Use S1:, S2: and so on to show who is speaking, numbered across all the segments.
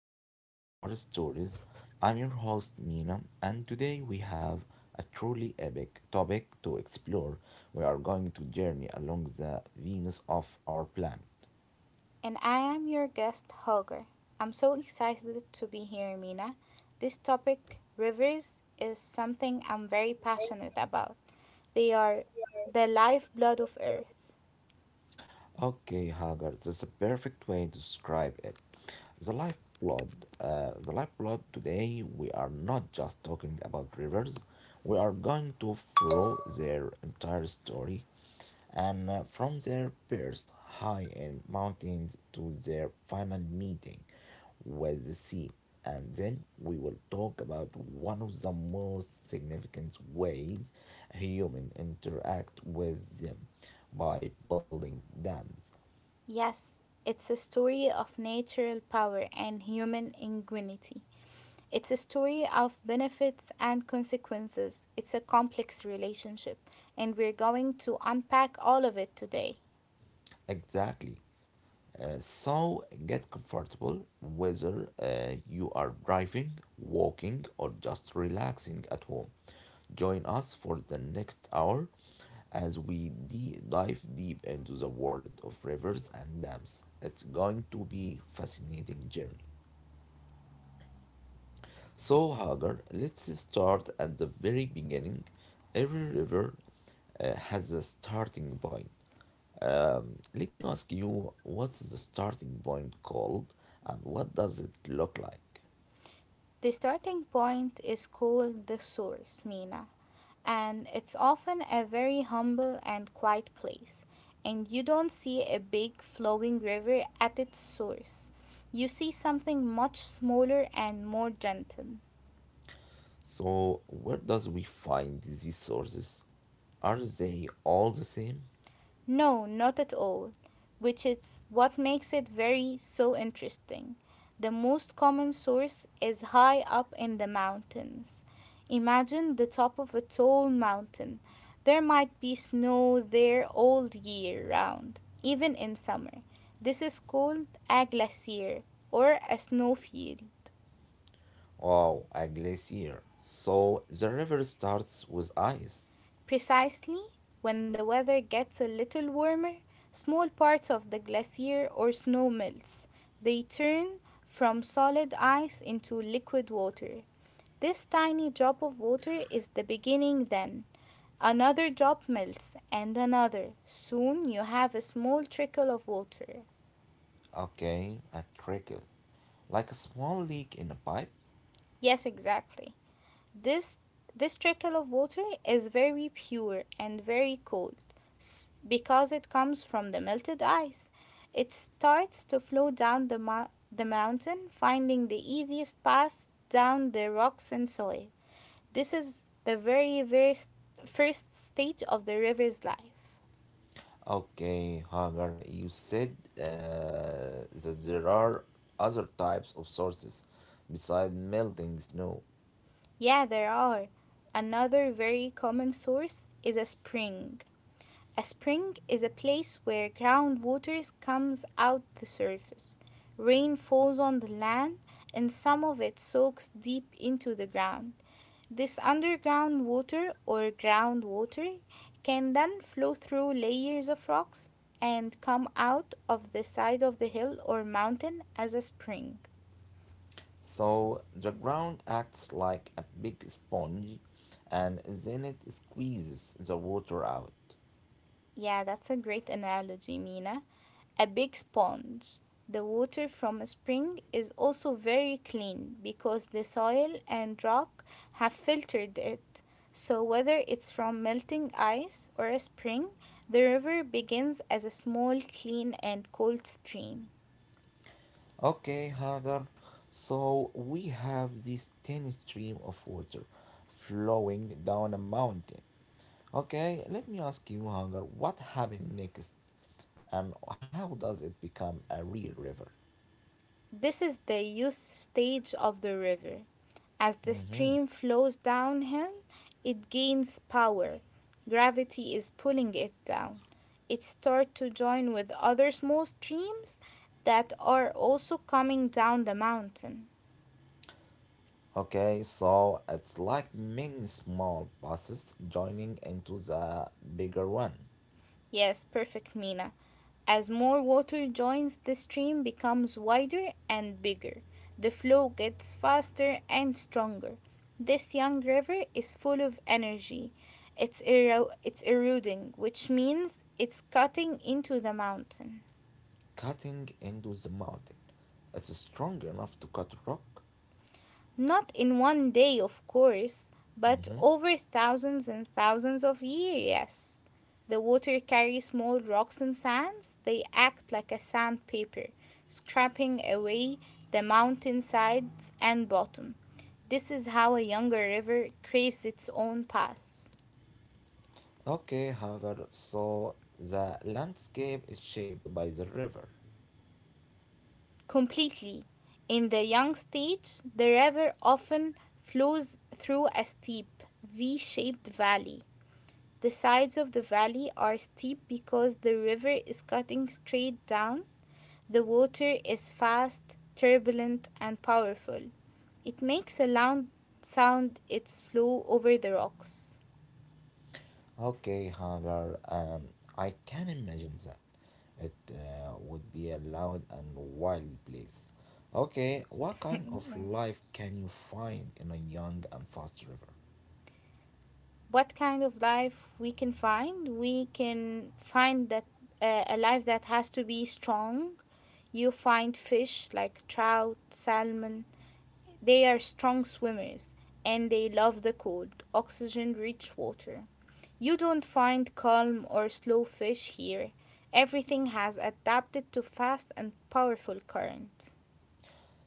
S1: planet, our stories. I'm your host, Mina, and today we have a truly epic topic to explore. We are going to journey along the Venus of our planet.
S2: And I am your guest, Holger. I'm so excited to be here, Mina. This topic, rivers, is something I'm very passionate about. They are the lifeblood of Earth.
S1: Okay, Hagar, that's a perfect way to describe it. The lifeblood, the lifeblood today, we are not just talking about rivers, we are going to follow their entire story and from their birth high in mountains to their final meeting with the sea. And then we will talk about one of the most significant ways humans interact with them by building dams.
S2: Yes, it's a story of natural power and human ingenuity. It's a story of benefits and consequences. It's a complex relationship, and we're going to unpack all of it today.
S1: Exactly. So get comfortable whether you are driving, walking, or just relaxing at home. Join us for the next hour as we dive deep into the world of rivers and dams. It's going to be fascinating journey. So Hagar, let's start at the very beginning. Every river has a starting point. Let me ask you, what's the starting point called and what does it look like?
S2: The starting point is called the source, Mina. And it's often a very humble and quiet place. And you don't see a big flowing river at its source. You see something much smaller and more gentle.
S1: So, where does we find these sources? Are they all the same?
S2: No, not at all, which is what makes it very so interesting. The most common source is high up in the mountains. Imagine the top of a tall mountain. There might be snow there all year round, even in summer. This is called a glacier or a snowfield.
S1: Oh, a glacier. So, the river starts with ice.
S2: Precisely, when the weather gets a little warmer, small parts of the glacier or snow melts. They turn from solid ice into liquid water. This tiny drop of water is the beginning then. Another drop melts, and another. Soon you have a small trickle of water.
S1: Okay, a trickle. Like a small leak in a pipe.
S2: Yes, exactly. This this trickle of water is very pure and very cold because it comes from the melted ice. It starts to flow down the mountain, finding the easiest path down the rocks and soil. This is the very, very first stage of the river's life.
S1: Okay, Hagar, you said that there are other types of sources besides melting snow.
S2: Yeah, there are. Another very common source is a spring. A spring is a place where groundwater comes out the surface. Rain falls on the land and some of it soaks deep into the ground. This underground water or groundwater can then flow through layers of rocks and come out of the side of the hill or mountain as a spring.
S1: So the ground acts like a big sponge and then it squeezes the water out.
S2: Yeah, that's a great analogy, Mina. A big sponge. The water from a spring is also very clean because the soil and rock have filtered it. So, whether it's from melting ice or a spring, the river begins as a small, clean, and cold stream.
S1: Okay, Hagar, so we have this thin stream of water flowing down a mountain. Okay, let me ask you, Hagar, what happened next and how does it become a real river?
S2: This is the youth stage of the river. As the stream flows downhill, it gains power. Gravity is pulling it down. It starts to join with other small streams that are also coming down the mountain.
S1: Okay, so it's like many small passes joining into the bigger one.
S2: Yes, perfect, Mina. As more water joins the stream becomes wider and bigger. The flow gets faster and stronger. This young river is full of energy. It's eroding, which means it's cutting into the mountain.
S1: Cutting into the mountain. It's strong enough to cut rock.
S2: Not in one day, of course, but over thousands and thousands of years, yes. The water carries small rocks and sands. They act like a sandpaper, scraping away the mountain sides and bottom. This is how a younger river craves its own paths.
S1: Okay, Hagar, so the landscape is shaped by the river.
S2: Completely. In the young stage, the river often flows through a steep, V shaped valley. The sides of the valley are steep because the river is cutting straight down. The water is fast, turbulent, and powerful. It makes a loud sound its flow over the rocks.
S1: Okay, Hagar, I can imagine that. It would be a loud and wild place. Okay, what kind of
S2: yeah.
S1: life can you find in a young and fast river?
S2: What kind of life we can find? We can find that a life that has to be strong. You find fish like trout, salmon. They are strong swimmers and they love the cold, oxygen rich water. You don't find calm or slow fish here. Everything has adapted to fast and powerful currents.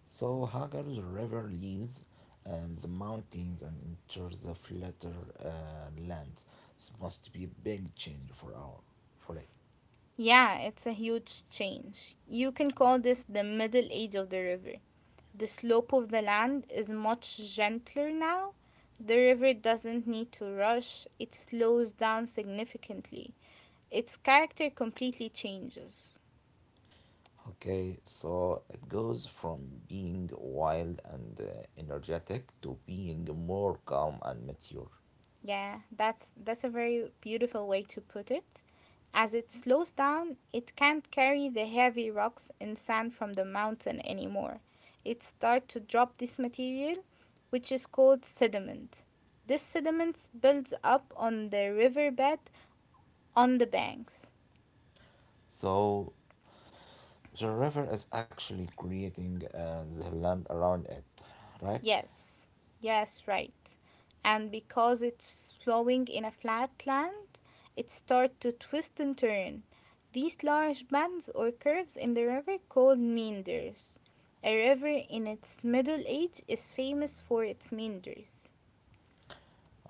S1: So Hagar, the river leaves uh, the mountains and enters the flatter uh, lands. This must be a big change for our for it.
S2: Yeah, it's a huge change. You can call this the middle age of the river. The slope of the land is much gentler now. The river doesn't need to rush, it slows down significantly. Its character completely changes.
S1: Okay, so it goes from being wild and energetic to being more calm and mature.
S2: Yeah, that's a very beautiful way to put it. As it slows down, it can't carry the heavy rocks and sand from the mountain anymore. It starts to drop this material, which is called sediment. This sediment builds up on the riverbed on the banks.
S1: So the river is actually creating the land around it, right?
S2: Yes, yes, right. And because it's flowing in a flat land, it starts to twist and turn. These large bends or curves in the river called meanders. A river in its middle age is famous for its meanders.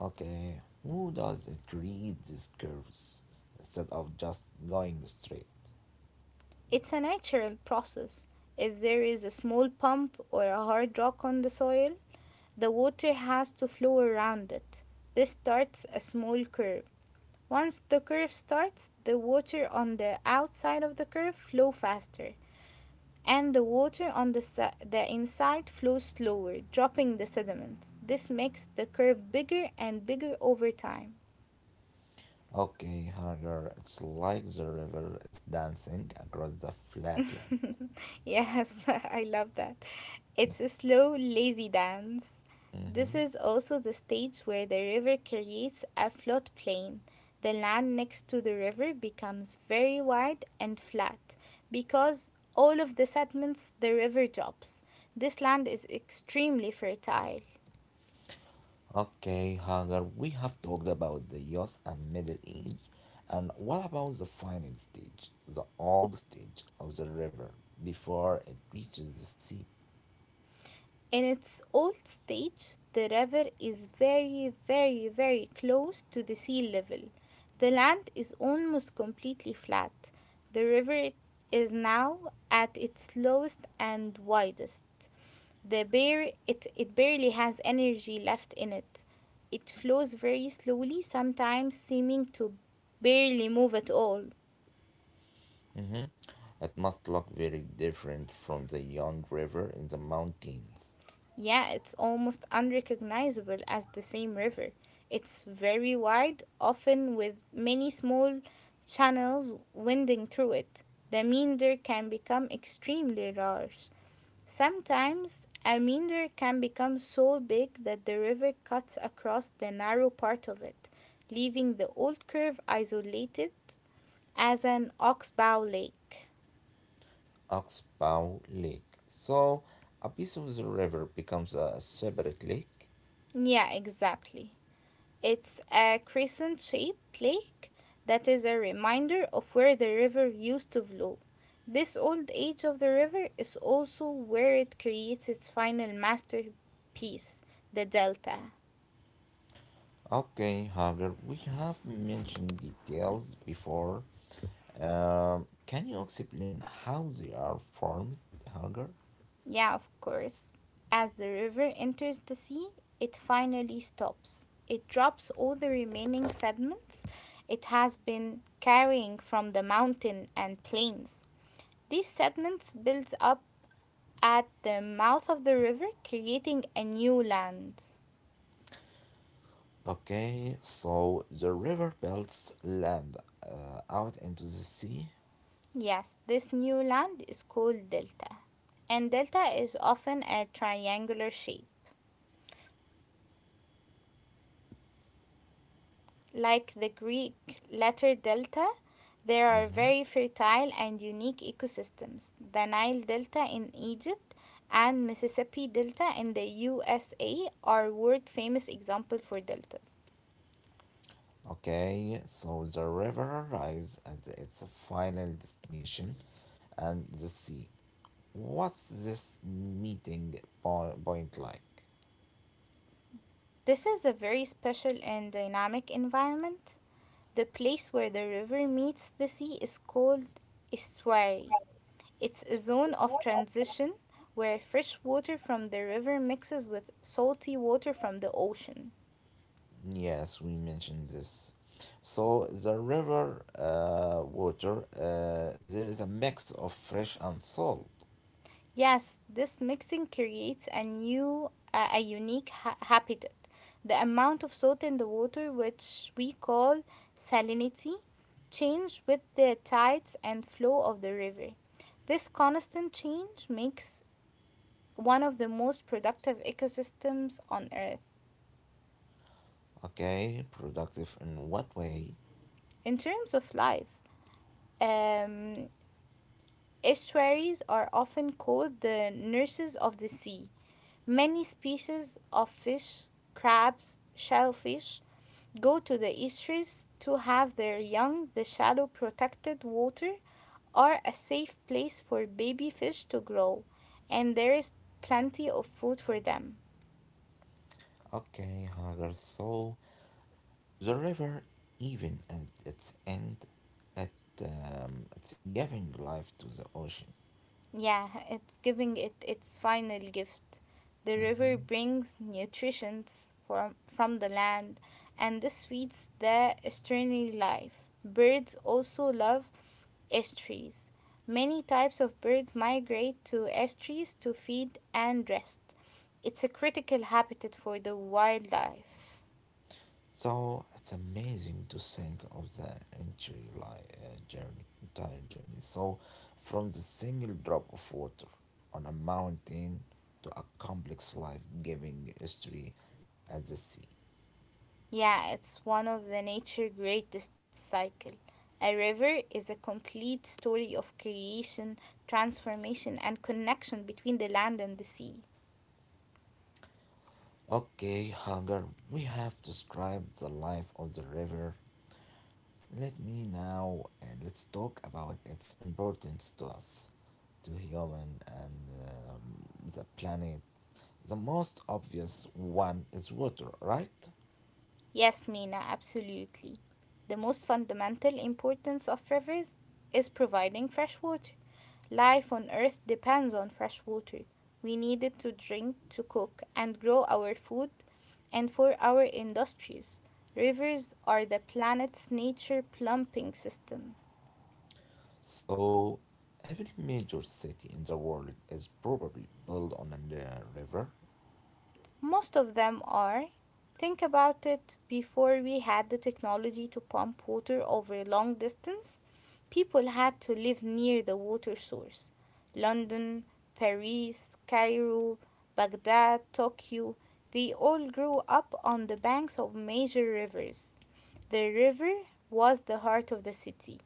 S1: Okay, who does it create these curves instead of just going straight?
S2: It's a natural process. If there is a small pump or a hard rock on the soil, the water has to flow around it. This starts a small curve. Once the curve starts, the water on the outside of the curve flows faster and the water on the inside flows slower, dropping the sediments. This makes the curve bigger and bigger over time.
S1: Okay, hunger. It's like the river is dancing across the flatland.
S2: Yes, I love that. It's a slow, lazy dance. This is also the stage where the river creates a floodplain. The land next to the river becomes very wide and flat because all of the sediments the river drops. This land is extremely fertile.
S1: Okay, hunger. We have talked about the youth and middle age. And what about the final stage, the old stage of the river before it reaches the sea?
S2: In its old stage, the river is very, very, very close to the sea level. The land is almost completely flat. The river is now at its lowest and widest. It barely has energy left in it. It flows very slowly, sometimes seeming to barely move at all.
S1: Mm-hmm. It must look very different from the young river in the mountains.
S2: Yeah, it's almost unrecognizable as the same river. It's very wide, often with many small channels winding through it. The meander can become extremely large. Sometimes a meander can become so big that the river cuts across the narrow part of it, leaving the old curve isolated as an oxbow lake.
S1: Oxbow Lake. So, a piece of the river becomes a separate lake.
S2: Yeah, exactly. It's a crescent shaped lake that is a reminder of where the river used to flow. This old age of the river is also where it creates its final masterpiece, the delta.
S1: Okay, Hagar, we have mentioned details before. Can you explain how they are formed, Hagar?
S2: Yeah, of course. As the river enters the sea, it finally stops. It drops all the remaining sediments it has been carrying from the mountain and plains. These sediments build up at the mouth of the river, creating a new land.
S1: Okay, so the river belts land out into the sea.
S2: Yes, this new land is called delta, and delta is often a triangular shape. Like the Greek letter delta, there are
S1: Mhm.
S2: very fertile and unique ecosystems. The Nile Delta in Egypt and Mississippi Delta in the USA are world famous examples for deltas.
S1: Okay, so the river arrives at its final destination and the sea. What's this point like?
S2: This is a very special and dynamic environment. The place where the river meets the sea is called estuary. It's a zone of transition where fresh water from the river mixes with salty water from the ocean.
S1: Yes, we mentioned this. So the river water, there is a mix of fresh and salt.
S2: Yes, this mixing creates a new, a unique habitat. The amount of salt in the water, which we call salinity, changes with the tides and flow of the river. This constant change makes one of the most productive ecosystems on Earth.
S1: Okay, productive in what way?
S2: In terms of life, um, estuaries are often called the nurses of the sea. Many species of fish, crabs, shellfish go to the estuaries to have their young. The shallow protected water are a safe place for baby fish to grow, and there is plenty of food for them.
S1: Okay, Hagar. So the river, even at its end, at it's giving life to the ocean.
S2: Yeah, it's giving it its final gift. The river
S1: Mhm.
S2: brings nutrition from the land, and this feeds the estuary life. Birds also love estuaries. Many types of birds migrate to estuaries to feed and rest. It's a critical habitat for the wildlife.
S1: So it's amazing to think of the entire entire journey. So from the single drop of water on a mountain to a complex life-giving history at the sea.
S2: Yeah, it's one of the nature greatest cycle. A river is a complete story of creation, transformation, and connection between the land and the sea.
S1: Okay, Hagar, we have described the life of the river. Let me now let's talk about its importance to us, to human and the planet. The most obvious one is water, right?
S2: Yes, Mina, absolutely. The most fundamental importance of rivers is providing fresh water. Life on Earth depends on fresh water. We need it to drink, to cook, and grow our food, and for our industries. Rivers are the planet's nature plumbing system.
S1: So, every major city in the world is probably built on a river.
S2: Most of them are. Think about it before we had the technology to pump water over a long distance, people had to live near the water source. London, Paris, Cairo, Baghdad, Tokyo, they all grew up on the banks of major rivers. The river was the heart of the city.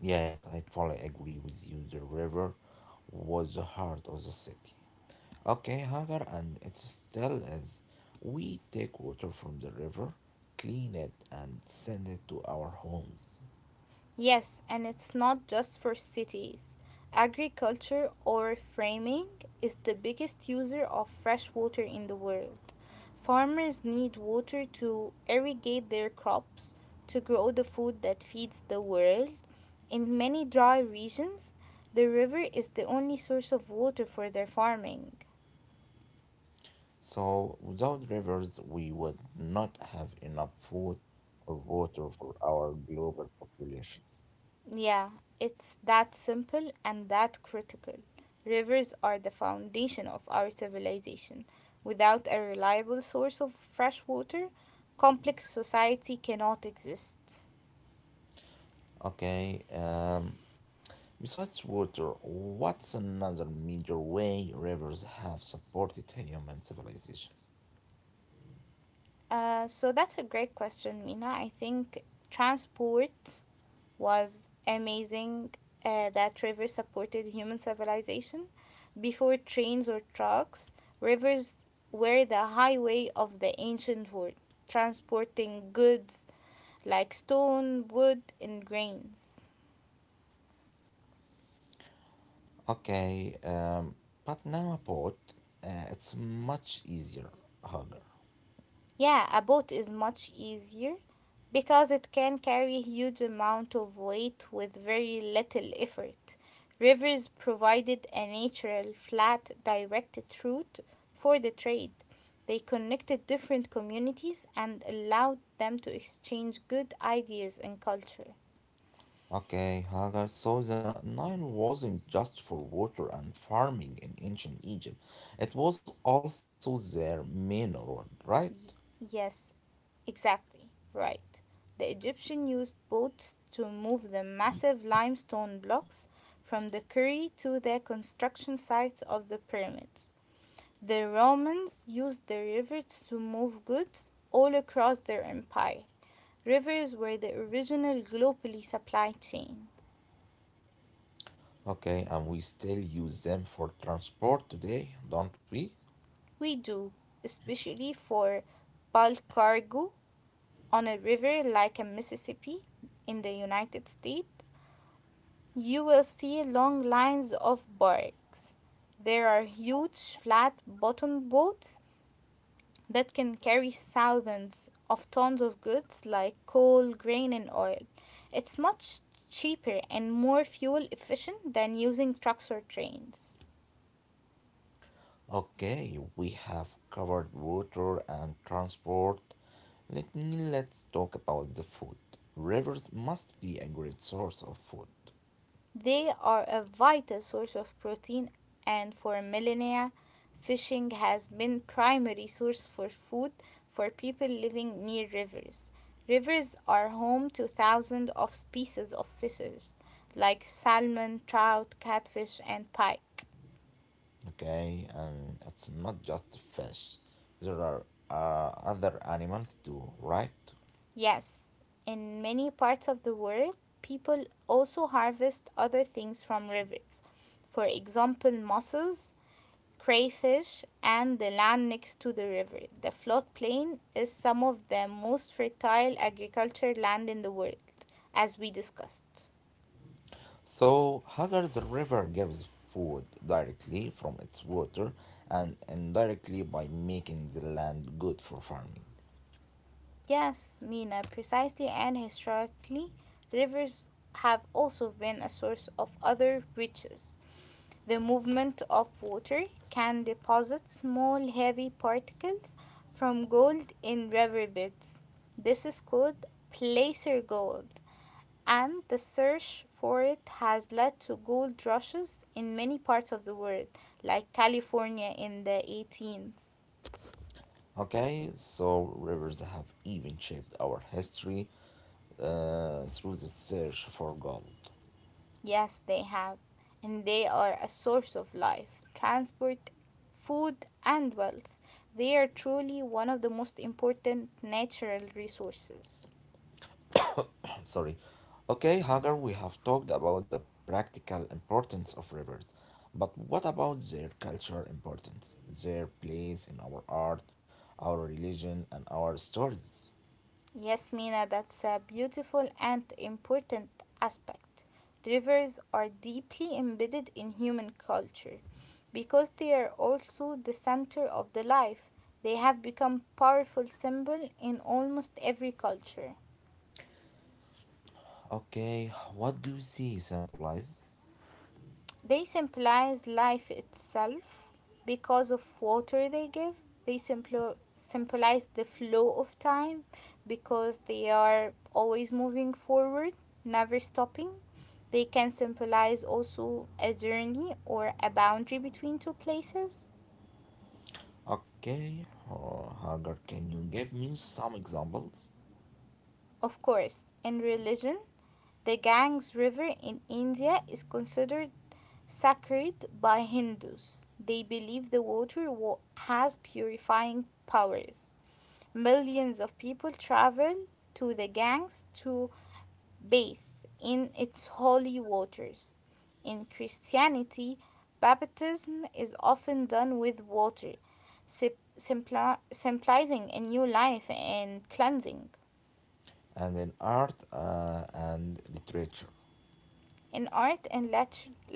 S1: Yes, I fully agree with you. The river was the heart of the city. Okay, Hagar, and it still is. We take water from the river, clean it, and send it to our homes.
S2: Yes, and it's not just for cities. Agriculture or framing is the biggest user of fresh water in the world. Farmers need water to irrigate their crops, to grow the food that feeds the world. In many dry regions, the river is the only source of water for their farming.
S1: So, without rivers, we would not have enough food or water for our global population.
S2: Yeah, it's that simple and that critical. Rivers are the foundation of our civilization. Without a reliable source of fresh water, complex society cannot exist.
S1: Okay, besides water, what's another major way rivers have supported human civilization?
S2: So that's a great question, Mina. I think transport was amazing that rivers supported human civilization. Before trains or trucks, rivers were the highway of the ancient world transporting goods like stone, wood, and grains.
S1: Okay, but now a boat, it's much easier, Hagar.
S2: Yeah, a boat is much easier because it can carry a huge amount of weight with very little effort. Rivers provided a natural, flat, directed route for the trade. They connected different communities and allowed them to exchange good ideas and culture.
S1: Okay, Hagar, so the Nile wasn't just for water and farming in ancient Egypt, it was also their main road, right?
S2: Yes, exactly, right. The Egyptian used boats to move the massive limestone blocks from the quarry to the construction sites of the pyramids. The Romans used the rivers to move goods all across their empire. Rivers were the original globally supply chain.
S1: Okay, and we still use them for transport today, don't we?
S2: We do, especially for bulk cargo on a river like a Mississippi in the United States. You will see long lines of barks. There are huge flat bottomed boats that can carry thousands of tons of goods like coal, grain, and oil. It's much cheaper and more fuel efficient than using trucks or trains.
S1: Okay, we have covered water and transport. Let's talk about the food. Rivers must be a great source of food.
S2: They are a vital source of protein, and for millennia, fishing has been primary source for food for people living near rivers. Rivers are home to thousands of species of fishes, like salmon, trout, catfish, and pike.
S1: Okay, and it's not just fish. There are other animals too, right?
S2: Yes, in many parts of the world, people also harvest other things from rivers. For example, mussels, crayfish, and the land next to the river. The floodplain is some of the most fertile agricultural land in the world, as we discussed.
S1: So, Hagar, the river gives food directly from its water and indirectly by making the land good for farming.
S2: Yes, Mina, precisely and historically, rivers have also been a source of other riches. The movement of water can deposit small heavy particles from gold in riverbeds. This is called placer gold and the search for it has led to gold rushes in many parts of the world, like California in the 18s.
S1: Okay, so rivers have even shaped our history through the search for gold.
S2: Yes, they have, and they are a source of life, transport, food, and wealth. They are truly one of the most important natural resources.
S1: Sorry. Okay, Hagar, we have talked about the practical importance of rivers, but what about their cultural importance, their place in our art, our religion, and our stories?
S2: Yes, Mina, that's a beautiful and important aspect. Rivers are deeply embedded in human culture because they are also the center of the life. They have become powerful symbol in almost every culture.
S1: Okay, what do they symbolize?
S2: They symbolize life itself because of water they give. They symbolize the flow of time because they are always moving forward, never stopping. They can symbolize also a journey or a boundary between two places.
S1: Okay, Hagar, can you give me some examples?
S2: Of course, in religion, the Ganges River in India is considered sacred by Hindus. They believe the water has purifying powers. Millions of people travel to the Ganges to bathe in its holy waters. In Christianity, baptism is often done with water, sip- symbolizing a new life and cleansing.
S1: And in art and literature.
S2: In art and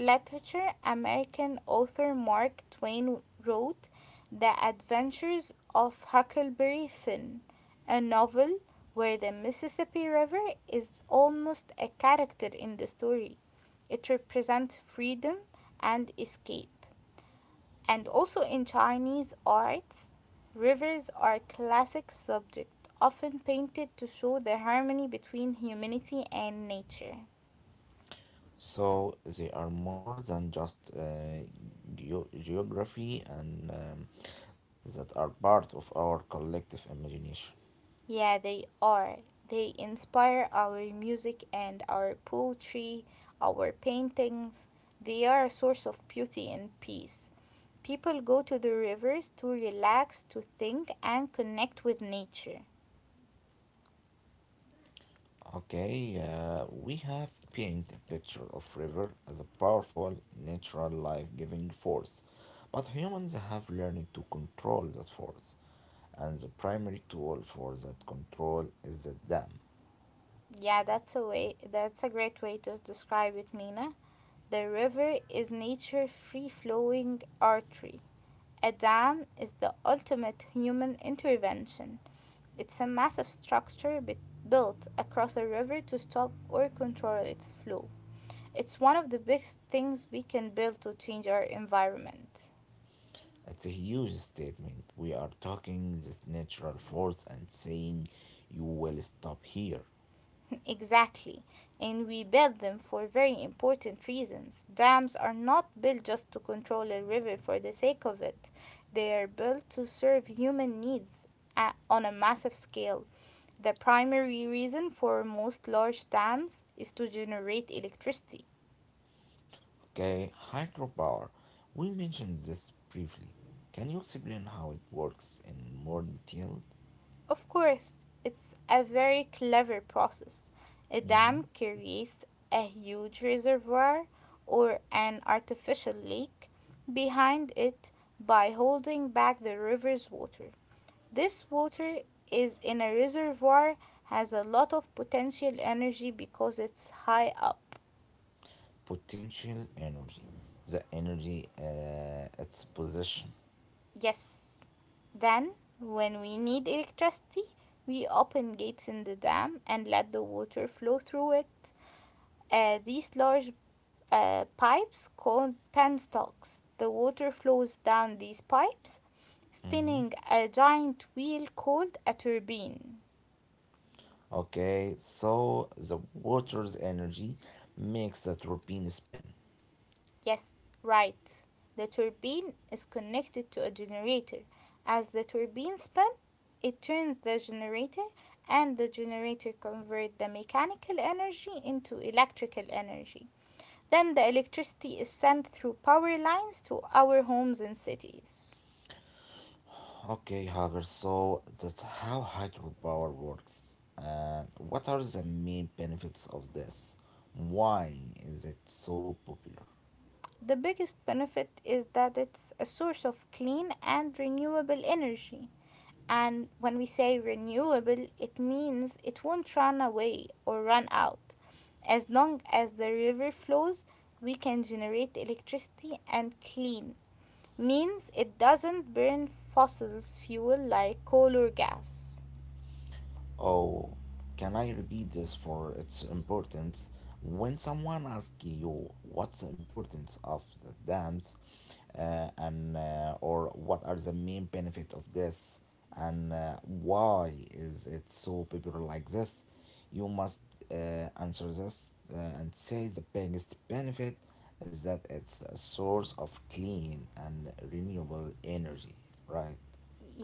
S2: literature, American author Mark Twain wrote The Adventures of Huckleberry Finn, a novel where the Mississippi River is almost a character in the story. It represents freedom and escape. And also in Chinese arts, rivers are a classic subject, often painted to show the harmony between humanity and nature.
S1: So they are more than just geography and that are part of our collective imagination.
S2: Yeah, they are. They inspire our music and our poetry, our paintings. They are a source of beauty and peace. People go to the rivers to relax, to think, and connect with nature.
S1: Okay, we have painted a picture of river as a powerful natural life-giving force, but humans have learned to control that force, and the primary tool for that control is the dam.
S2: Yeah, that's a way. That's a great way to describe it, Mina. The river is nature free-flowing artery. A dam is the ultimate human intervention. It's a massive structure built across a river to stop or control its flow. It's one of the biggest things we can build to change our environment.
S1: It's a huge statement. We are talking this natural force and saying you will stop here.
S2: Exactly. And we build them for very important reasons. Dams are not built just to control a river for the sake of it, they are built to serve human needs on a massive scale. The primary reason for most large dams is to generate electricity.
S1: Okay, hydropower. We mentioned this briefly. Can you explain how it works in more detail?
S2: Of course, it's a very clever process. A dam creates a huge reservoir or an artificial lake behind it by holding back the river's water. This water is in a reservoir has a lot of potential energy because it's high up.
S1: Potential energy, the energy its position.
S2: Yes. Then, when we need electricity, we open gates in the dam and let the water flow through it. These large pipes called penstocks. The water flows down these pipes, spinning a giant wheel called a turbine.
S1: Okay, so the water's energy makes the turbine spin.
S2: Yes, right. The turbine is connected to a generator. As the turbine spins, it turns the generator and the generator converts the mechanical energy into electrical energy. Then the electricity is sent through power lines to our homes and cities.
S1: Okay, Hagar, so that's how hydropower works. And what are the main benefits of this? Why is it so popular?
S2: The biggest benefit is that it's a source of clean and renewable energy. And when we say renewable, it means it won't run away or run out. As long as the river flows, we can generate electricity and clean means it doesn't burn fossils fuel like coal or gas.
S1: Oh, can I repeat this for its importance? When someone asks you what's the importance of the dams, and or what are the main benefit of this, and why is it so popular like this, you must uh, answer this and say the biggest benefit is that it's a source of clean and renewable energy, right?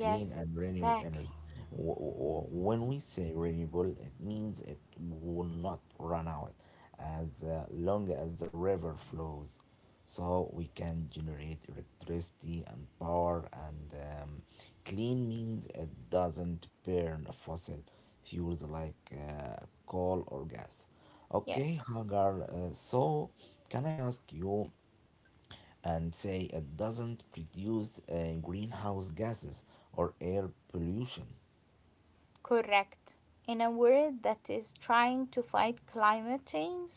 S1: Clean and renewable
S2: exactly.
S1: energy. When we say renewable, it means it will not run out as long as the river flows. So we can generate electricity and power, and clean means it doesn't burn fossil fuels like coal or gas. Okay,
S2: Yes.
S1: Hagar, so can I ask you? And say it doesn't produce greenhouse gases or air pollution.
S2: Correct. In a world that is trying to fight climate change,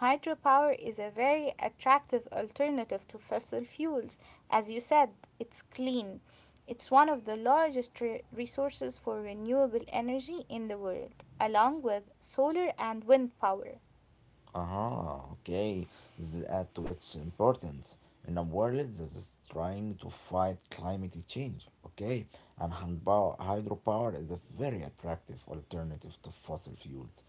S2: hydropower is a very attractive alternative to fossil fuels. As you said, it's clean. It's one of the largest resources for renewable energy in the world, along with solar and wind power.
S1: Aha, okay. This adds to its importance in a world that is trying to fight climate change. Okay, and hydropower is a very attractive alternative to fossil fuels.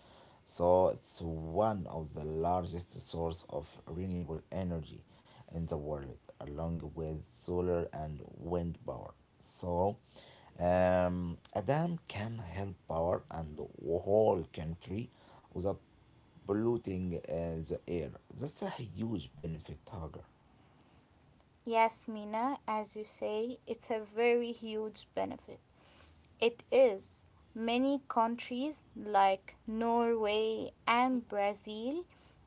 S1: So it's one of the largest source of renewable energy in the world, along with solar and wind power. So, a dam can help power and the whole country with a polluting the air. That's a huge benefit, Hagar.
S2: Yes, Mina, as you say, it's a very huge benefit. It is. Many countries like Norway and Brazil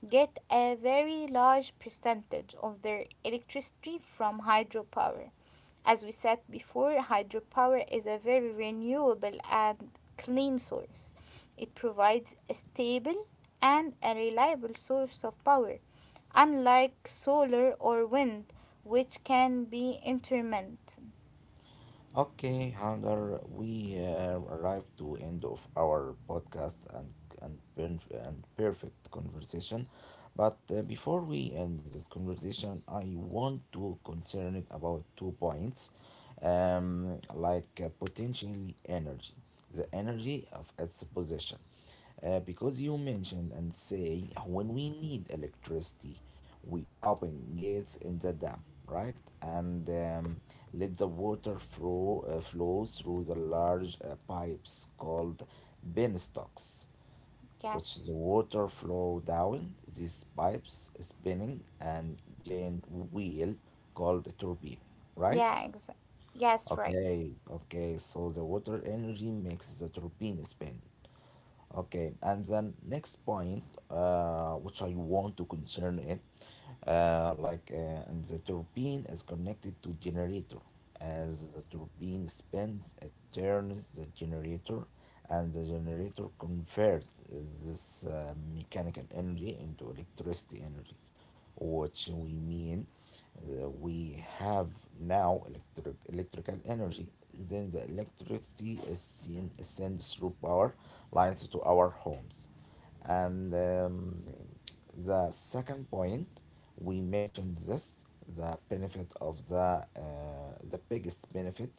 S2: get a very large percentage of their electricity from hydropower. As we said before, hydropower is a very renewable and clean source. It provides a stable and a reliable source of power, unlike solar or wind, which can be intermittent.
S1: Okay, Hagar, we arrived to end of our podcast and and perfect conversation. But before we end this conversation, I want to concern it about two points, like potentially energy, the energy of its possession, because you mentioned and say when we need electricity, we open gates in the dam, right, and let the water flow through the large pipes called penstocks, which the
S2: Yes.
S1: water flow down these pipes spinning and giant wheel called a turbine, right?
S2: Yeah, exa- yes, right.
S1: Okay, okay, so the water energy makes the turbine spin. Okay, and then next point, which I want to concern it, and the turbine is connected to generator, as the turbine spins, it turns the generator, and the generator converts this mechanical energy into electricity energy. What we mean we have now electrical energy, then the electricity is sent through power lines to our homes and the second point. We mentioned this, the benefit of the biggest benefit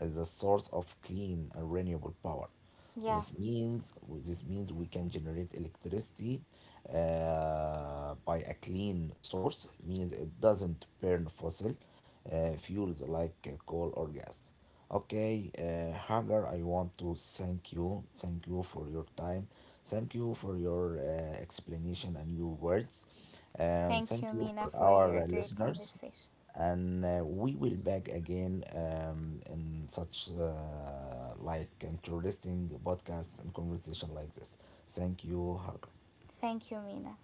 S1: is the source of clean and renewable power.
S2: Yeah.
S1: this means this means we can generate electricity by a clean source, means it doesn't burn fossil fuels like coal or gas. Okay, Hagar, I want to thank you. Thank you for your time. Thank you for your explanation and your words. And
S2: Thank you,
S1: thank you
S2: Mina,
S1: for
S2: for
S1: our
S2: your great
S1: listeners
S2: conversation.
S1: and we will back again in such like interesting podcast and conversation like this. Thank you, hugger.
S2: Thank you, Mina.